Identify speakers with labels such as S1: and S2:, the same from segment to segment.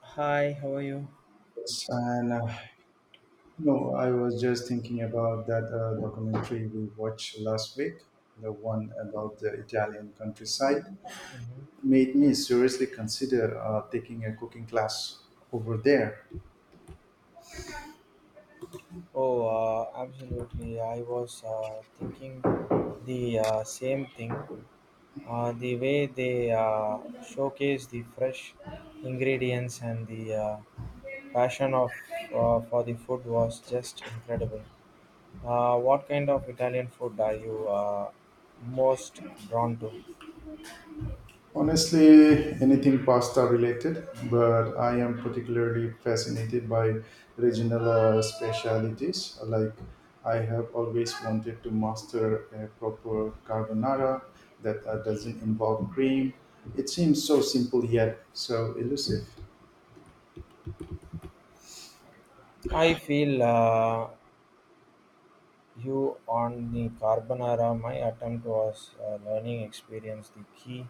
S1: Hi, how are you?
S2: Yes, and I was just thinking about that documentary we watched last week, the one about the Italian countryside.
S1: Mhm.
S2: Made me seriously consider taking a cooking class over there.
S1: Oh, absolutely. I was thinking the same thing. The way they showcase the fresh ingredients and the passion of for the food was just incredible. What kind of Italian food are you most drawn to?
S2: Honestly,
S1: Mhm.
S2: anything pasta related, but I am particularly fascinated by regional specialities. Like, I have always wanted to master a proper carbonara that doesn't involve cream. It seems so simple yet so elusive.
S1: I feel you on the carbonara. My attempt was learning experience the key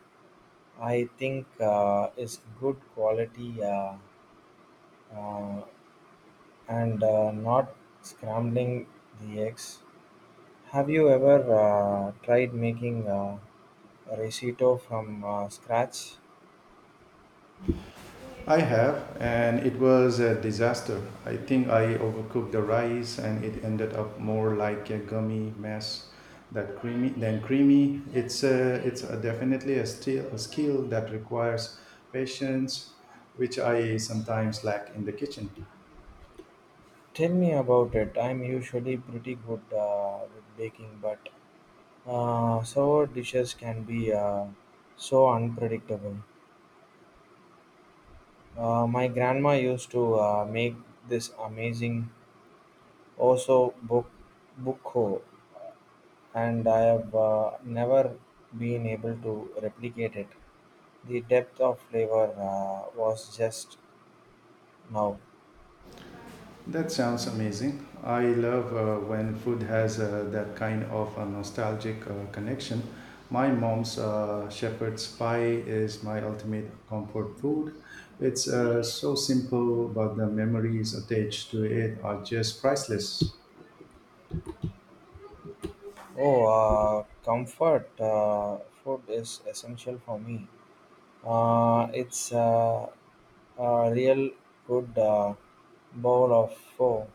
S1: I think is good quality uh, and not scrambling the eggs. Have you ever tried making a risotto from scratch?
S2: I have, and it was a disaster. I think I overcooked the rice, and it ended up more like a gummy mess that creamy than creamy. It's a definitely a, still, a skill that requires patience, which I sometimes lack in the kitchen.
S1: Tell me about it. I'm usually pretty good with baking, but sour dishes can be so unpredictable. My grandma used to make this amazing osso buco, and I have never been able to replicate it. The depth of flavor was just now.
S2: That sounds amazing. I love when food has that kind of a nostalgic connection. My mom's shepherd's pie is my ultimate comfort food. It's so simple, but the memories attached to it are just priceless.
S1: Oh, comfort food is essential for me. It's a real good bowl of pho,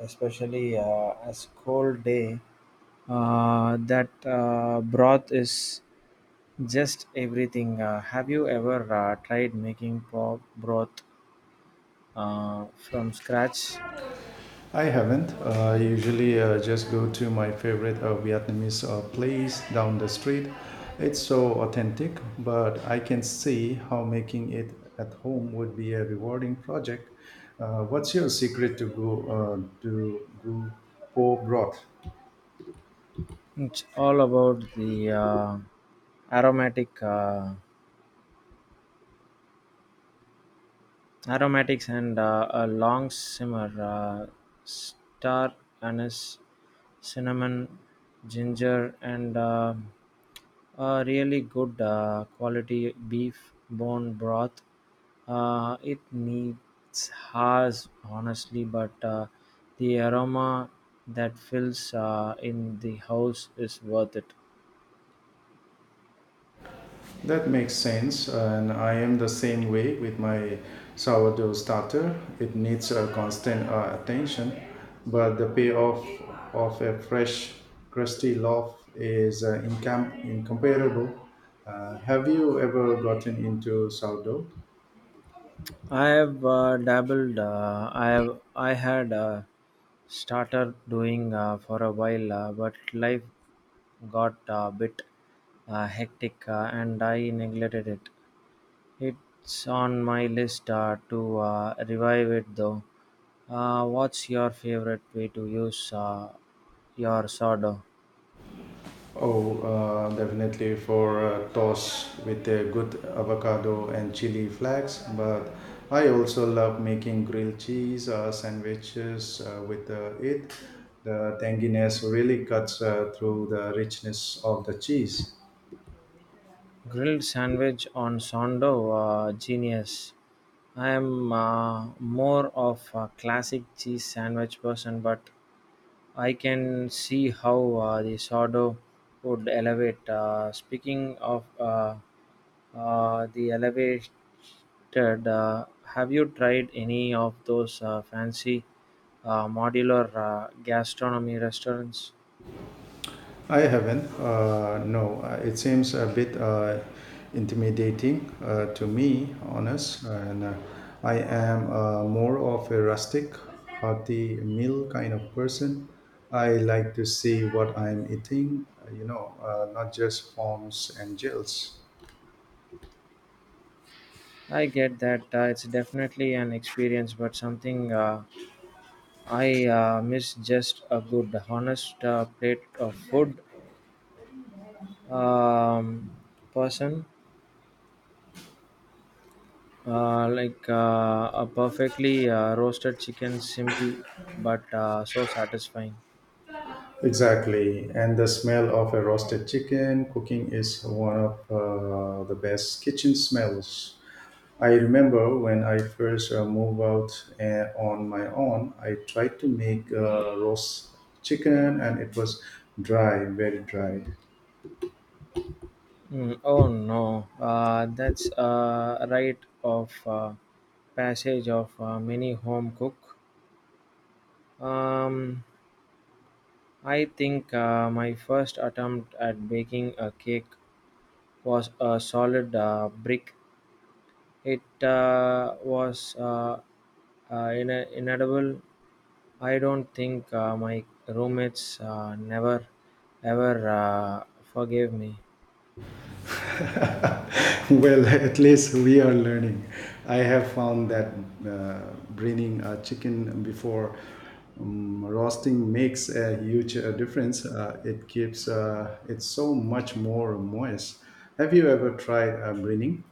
S1: especially as cold day. That broth is just everything. Have you ever tried making pork broth from scratch?
S2: I haven't. I usually just go to my favorite Vietnamese place down the street. It's so authentic, but I can see how making it at home would be a rewarding project. What's your secret to go po broth?
S1: It's all about the aromatic aromatics and a long simmer, star anise, cinnamon, ginger, and a really good quality beef bone broth. It needs hours, honestly, but the aroma that fills in the house is worth it.
S2: That makes sense, and I am the same way with my sourdough starter. It needs a constant attention, but the payoff of a fresh, crusty loaf is incomparable. Have you ever gotten into sourdough?
S1: I have dabbled. I have. I had started doing for a while, but life got a bit hectic, and I neglected it. It's on my list to revive it, though. What's your favorite way to use your sourdough?
S2: Oh, definitely for a toast with a good avocado and chili flakes. But I also love making grilled cheese sandwiches with it. The tanginess really cuts through the richness of the cheese.
S1: Grilled sandwich on sourdough? Genius. I am more of a classic cheese sandwich person, but I can see how the sourdough would elevate. Speaking of the elevated, uh, have you tried any of those fancy modular gastronomy restaurants?
S2: I haven't. No, it seems a bit intimidating to me, honest. And I am more of a rustic, hearty meal kind of person. I like to see what I'm eating, not just forms and gels.
S1: I get that it's definitely an experience, but something I miss just a good, honest plate of food. Um, Person like a perfectly roasted chicken, simple but so satisfying.
S2: Exactly, and the smell of a roasted chicken cooking is one of the best kitchen smells. I remember when I first moved out on my own, I tried to make roast chicken and it was dry, very dry.
S1: Mm, oh no, that's a rite of passage of many home cook. Um, I think my first attempt at baking a cake was a solid brick. It was inedible. I don't think my roommates never ever forgave me.
S2: Well, at least we are learning. I have found that braining a chicken before roasting makes a huge difference. It keeps it so much more moist. Have you ever tried braining?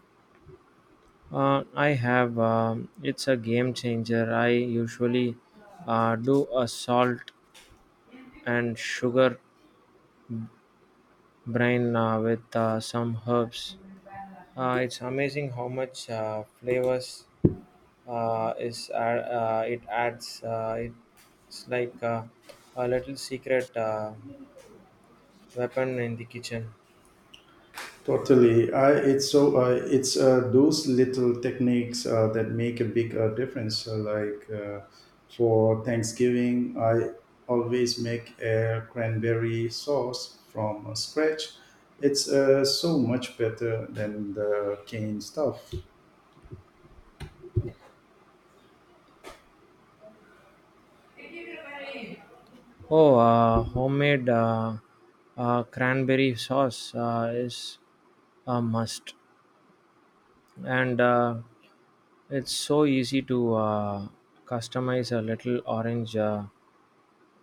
S1: I have. It's a game changer. I usually do a salt and sugar brine with some herbs. It's amazing how much flavors it adds. It's like a little secret weapon in the kitchen.
S2: Totally. I, it's so it's those little techniques that make a big difference. So like for Thanksgiving, I always make a cranberry sauce from scratch. It's so much better than the canned stuff.
S1: Oh, homemade cranberry sauce is a must, and it's so easy to customize. A little orange uh,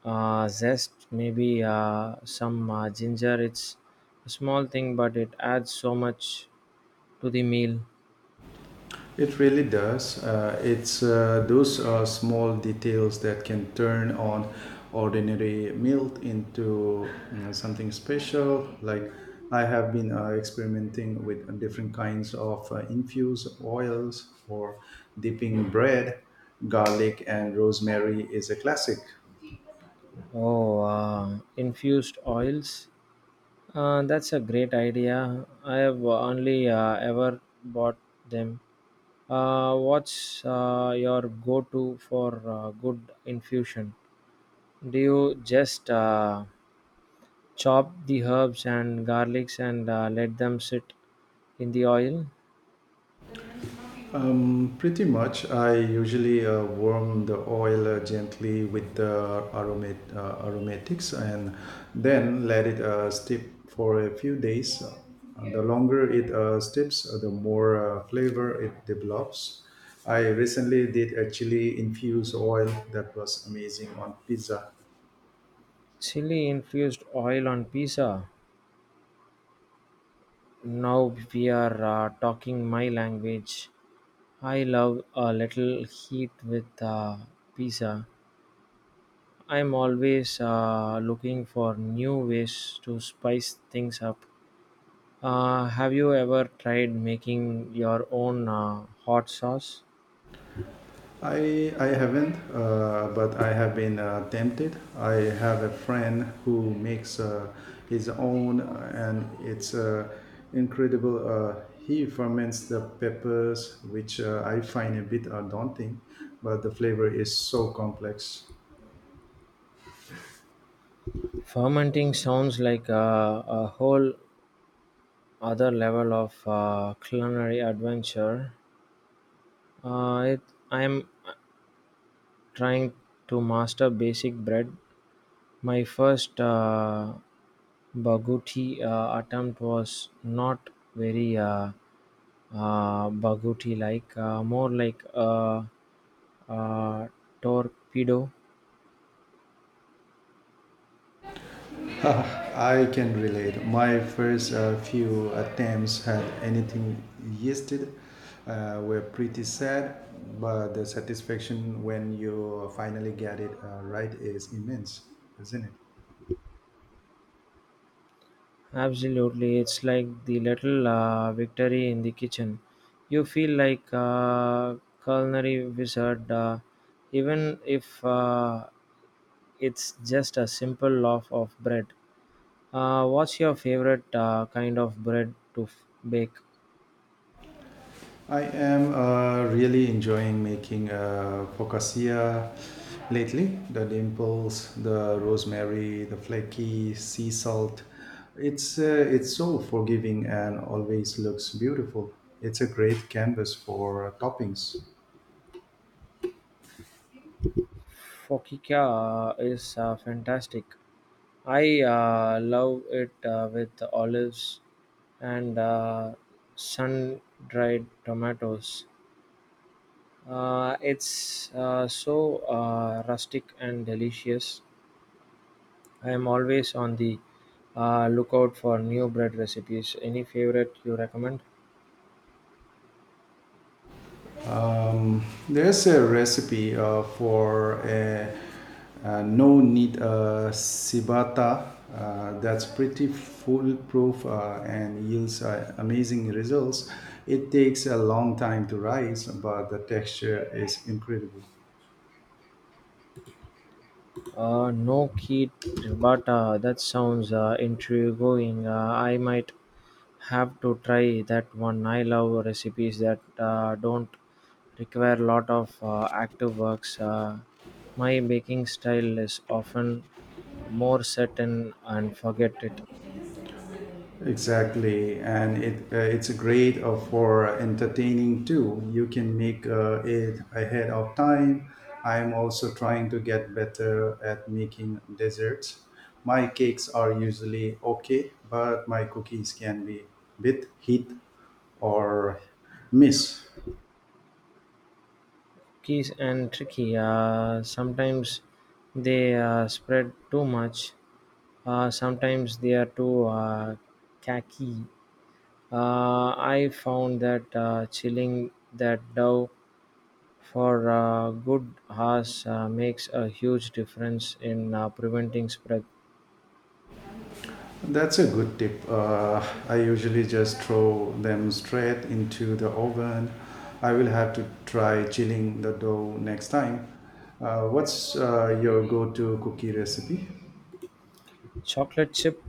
S1: uh, zest, maybe some ginger. It's a small thing, but it adds so much to the meal.
S2: It really does. It's those small details that can turn on ordinary meal into you know, something special. Like I have been experimenting with different kinds of infused oils for dipping bread. Garlic and rosemary is a classic.
S1: Oh, infused oils. That's a great idea. I have only ever bought them. What's your go-to for good infusion? Do you just chop the herbs and garlics and let them sit in the oil?
S2: Pretty much. I usually warm the oil gently with the aromatics and then let it steep for a few days. The longer it steeps, the more flavor it develops. I recently did a chili infused oil that was amazing on pizza.
S1: Chili infused oil on pizza. Now we are talking my language. I love a little heat with pizza. I'm always looking for new ways to spice things up. Have you ever tried making your own hot sauce?
S2: I haven't, but I have been tempted. I have a friend who makes his own, and it's incredible. He ferments the peppers, which I find a bit daunting, but the flavor is so complex.
S1: Fermenting sounds like a whole other level of culinary adventure. Uh, it, I'm trying to master basic bread. My first baguti attempt was not very baguti like, more like a torpedo.
S2: I can relate. My first few attempts had anything yeasted were pretty sad, but the satisfaction when you finally get it right is immense, isn't it?
S1: Absolutely, it's like the little victory in the kitchen. You feel like a culinary wizard, even if it's just a simple loaf of bread. What's your favorite kind of bread to bake?
S2: I am really enjoying making focaccia lately. The dimples, the rosemary, the flaky sea salt. It's uh, it's so forgiving and always looks beautiful. It's a great canvas for toppings.
S1: Focaccia is fantastic. I love it with olives and sun dried tomatoes. It's so rustic and delicious. I am always on the lookout for new bread recipes. Any favorite you recommend?
S2: There's a recipe for a no need ciabatta that's pretty foolproof and yields amazing results. It takes a long time to rise, but the texture is incredible.
S1: No key ciabatta. That sounds intriguing. I might have to try that one. I love recipes that don't require a lot of active works. My baking style is often more set and forget it.
S2: Exactly, and it's great for entertaining too. You can make it ahead of time. I'm also trying to get better at making desserts. My cakes are usually okay, but my cookies can be bit hit or miss.
S1: Keys and tricky. Sometimes they spread too much. Sometimes they are too khaki. I found that chilling that dough for good hours makes a huge difference in preventing spread.
S2: That's a good tip. I usually just throw them straight into the oven. I will have to try chilling the dough next time. What's your go to cookie recipe?
S1: Chocolate chip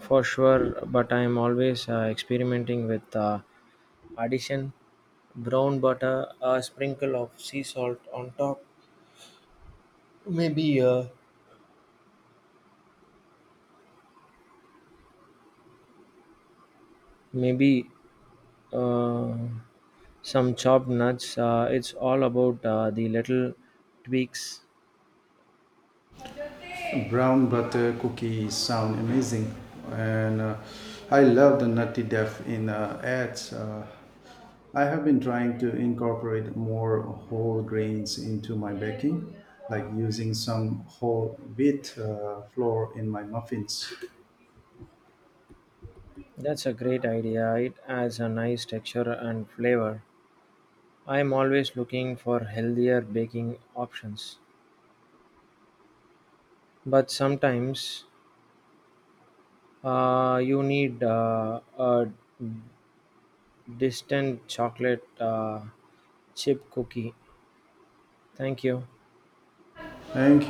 S1: for sure, but I am always experimenting with addition, brown butter, a sprinkle of sea salt on top, maybe. Maybe uh, some chopped nuts. It's all about the little tweaks.
S2: Brown butter cookies sound amazing, and I love the nutty depth in ads. I have been trying to incorporate more whole grains into my baking, like using some whole wheat flour in my muffins.
S1: That's a great idea. It adds a nice texture and flavor. I'm always looking for healthier baking options, but sometimes you need a distant chocolate chip cookie. Thank you.
S2: Thank you.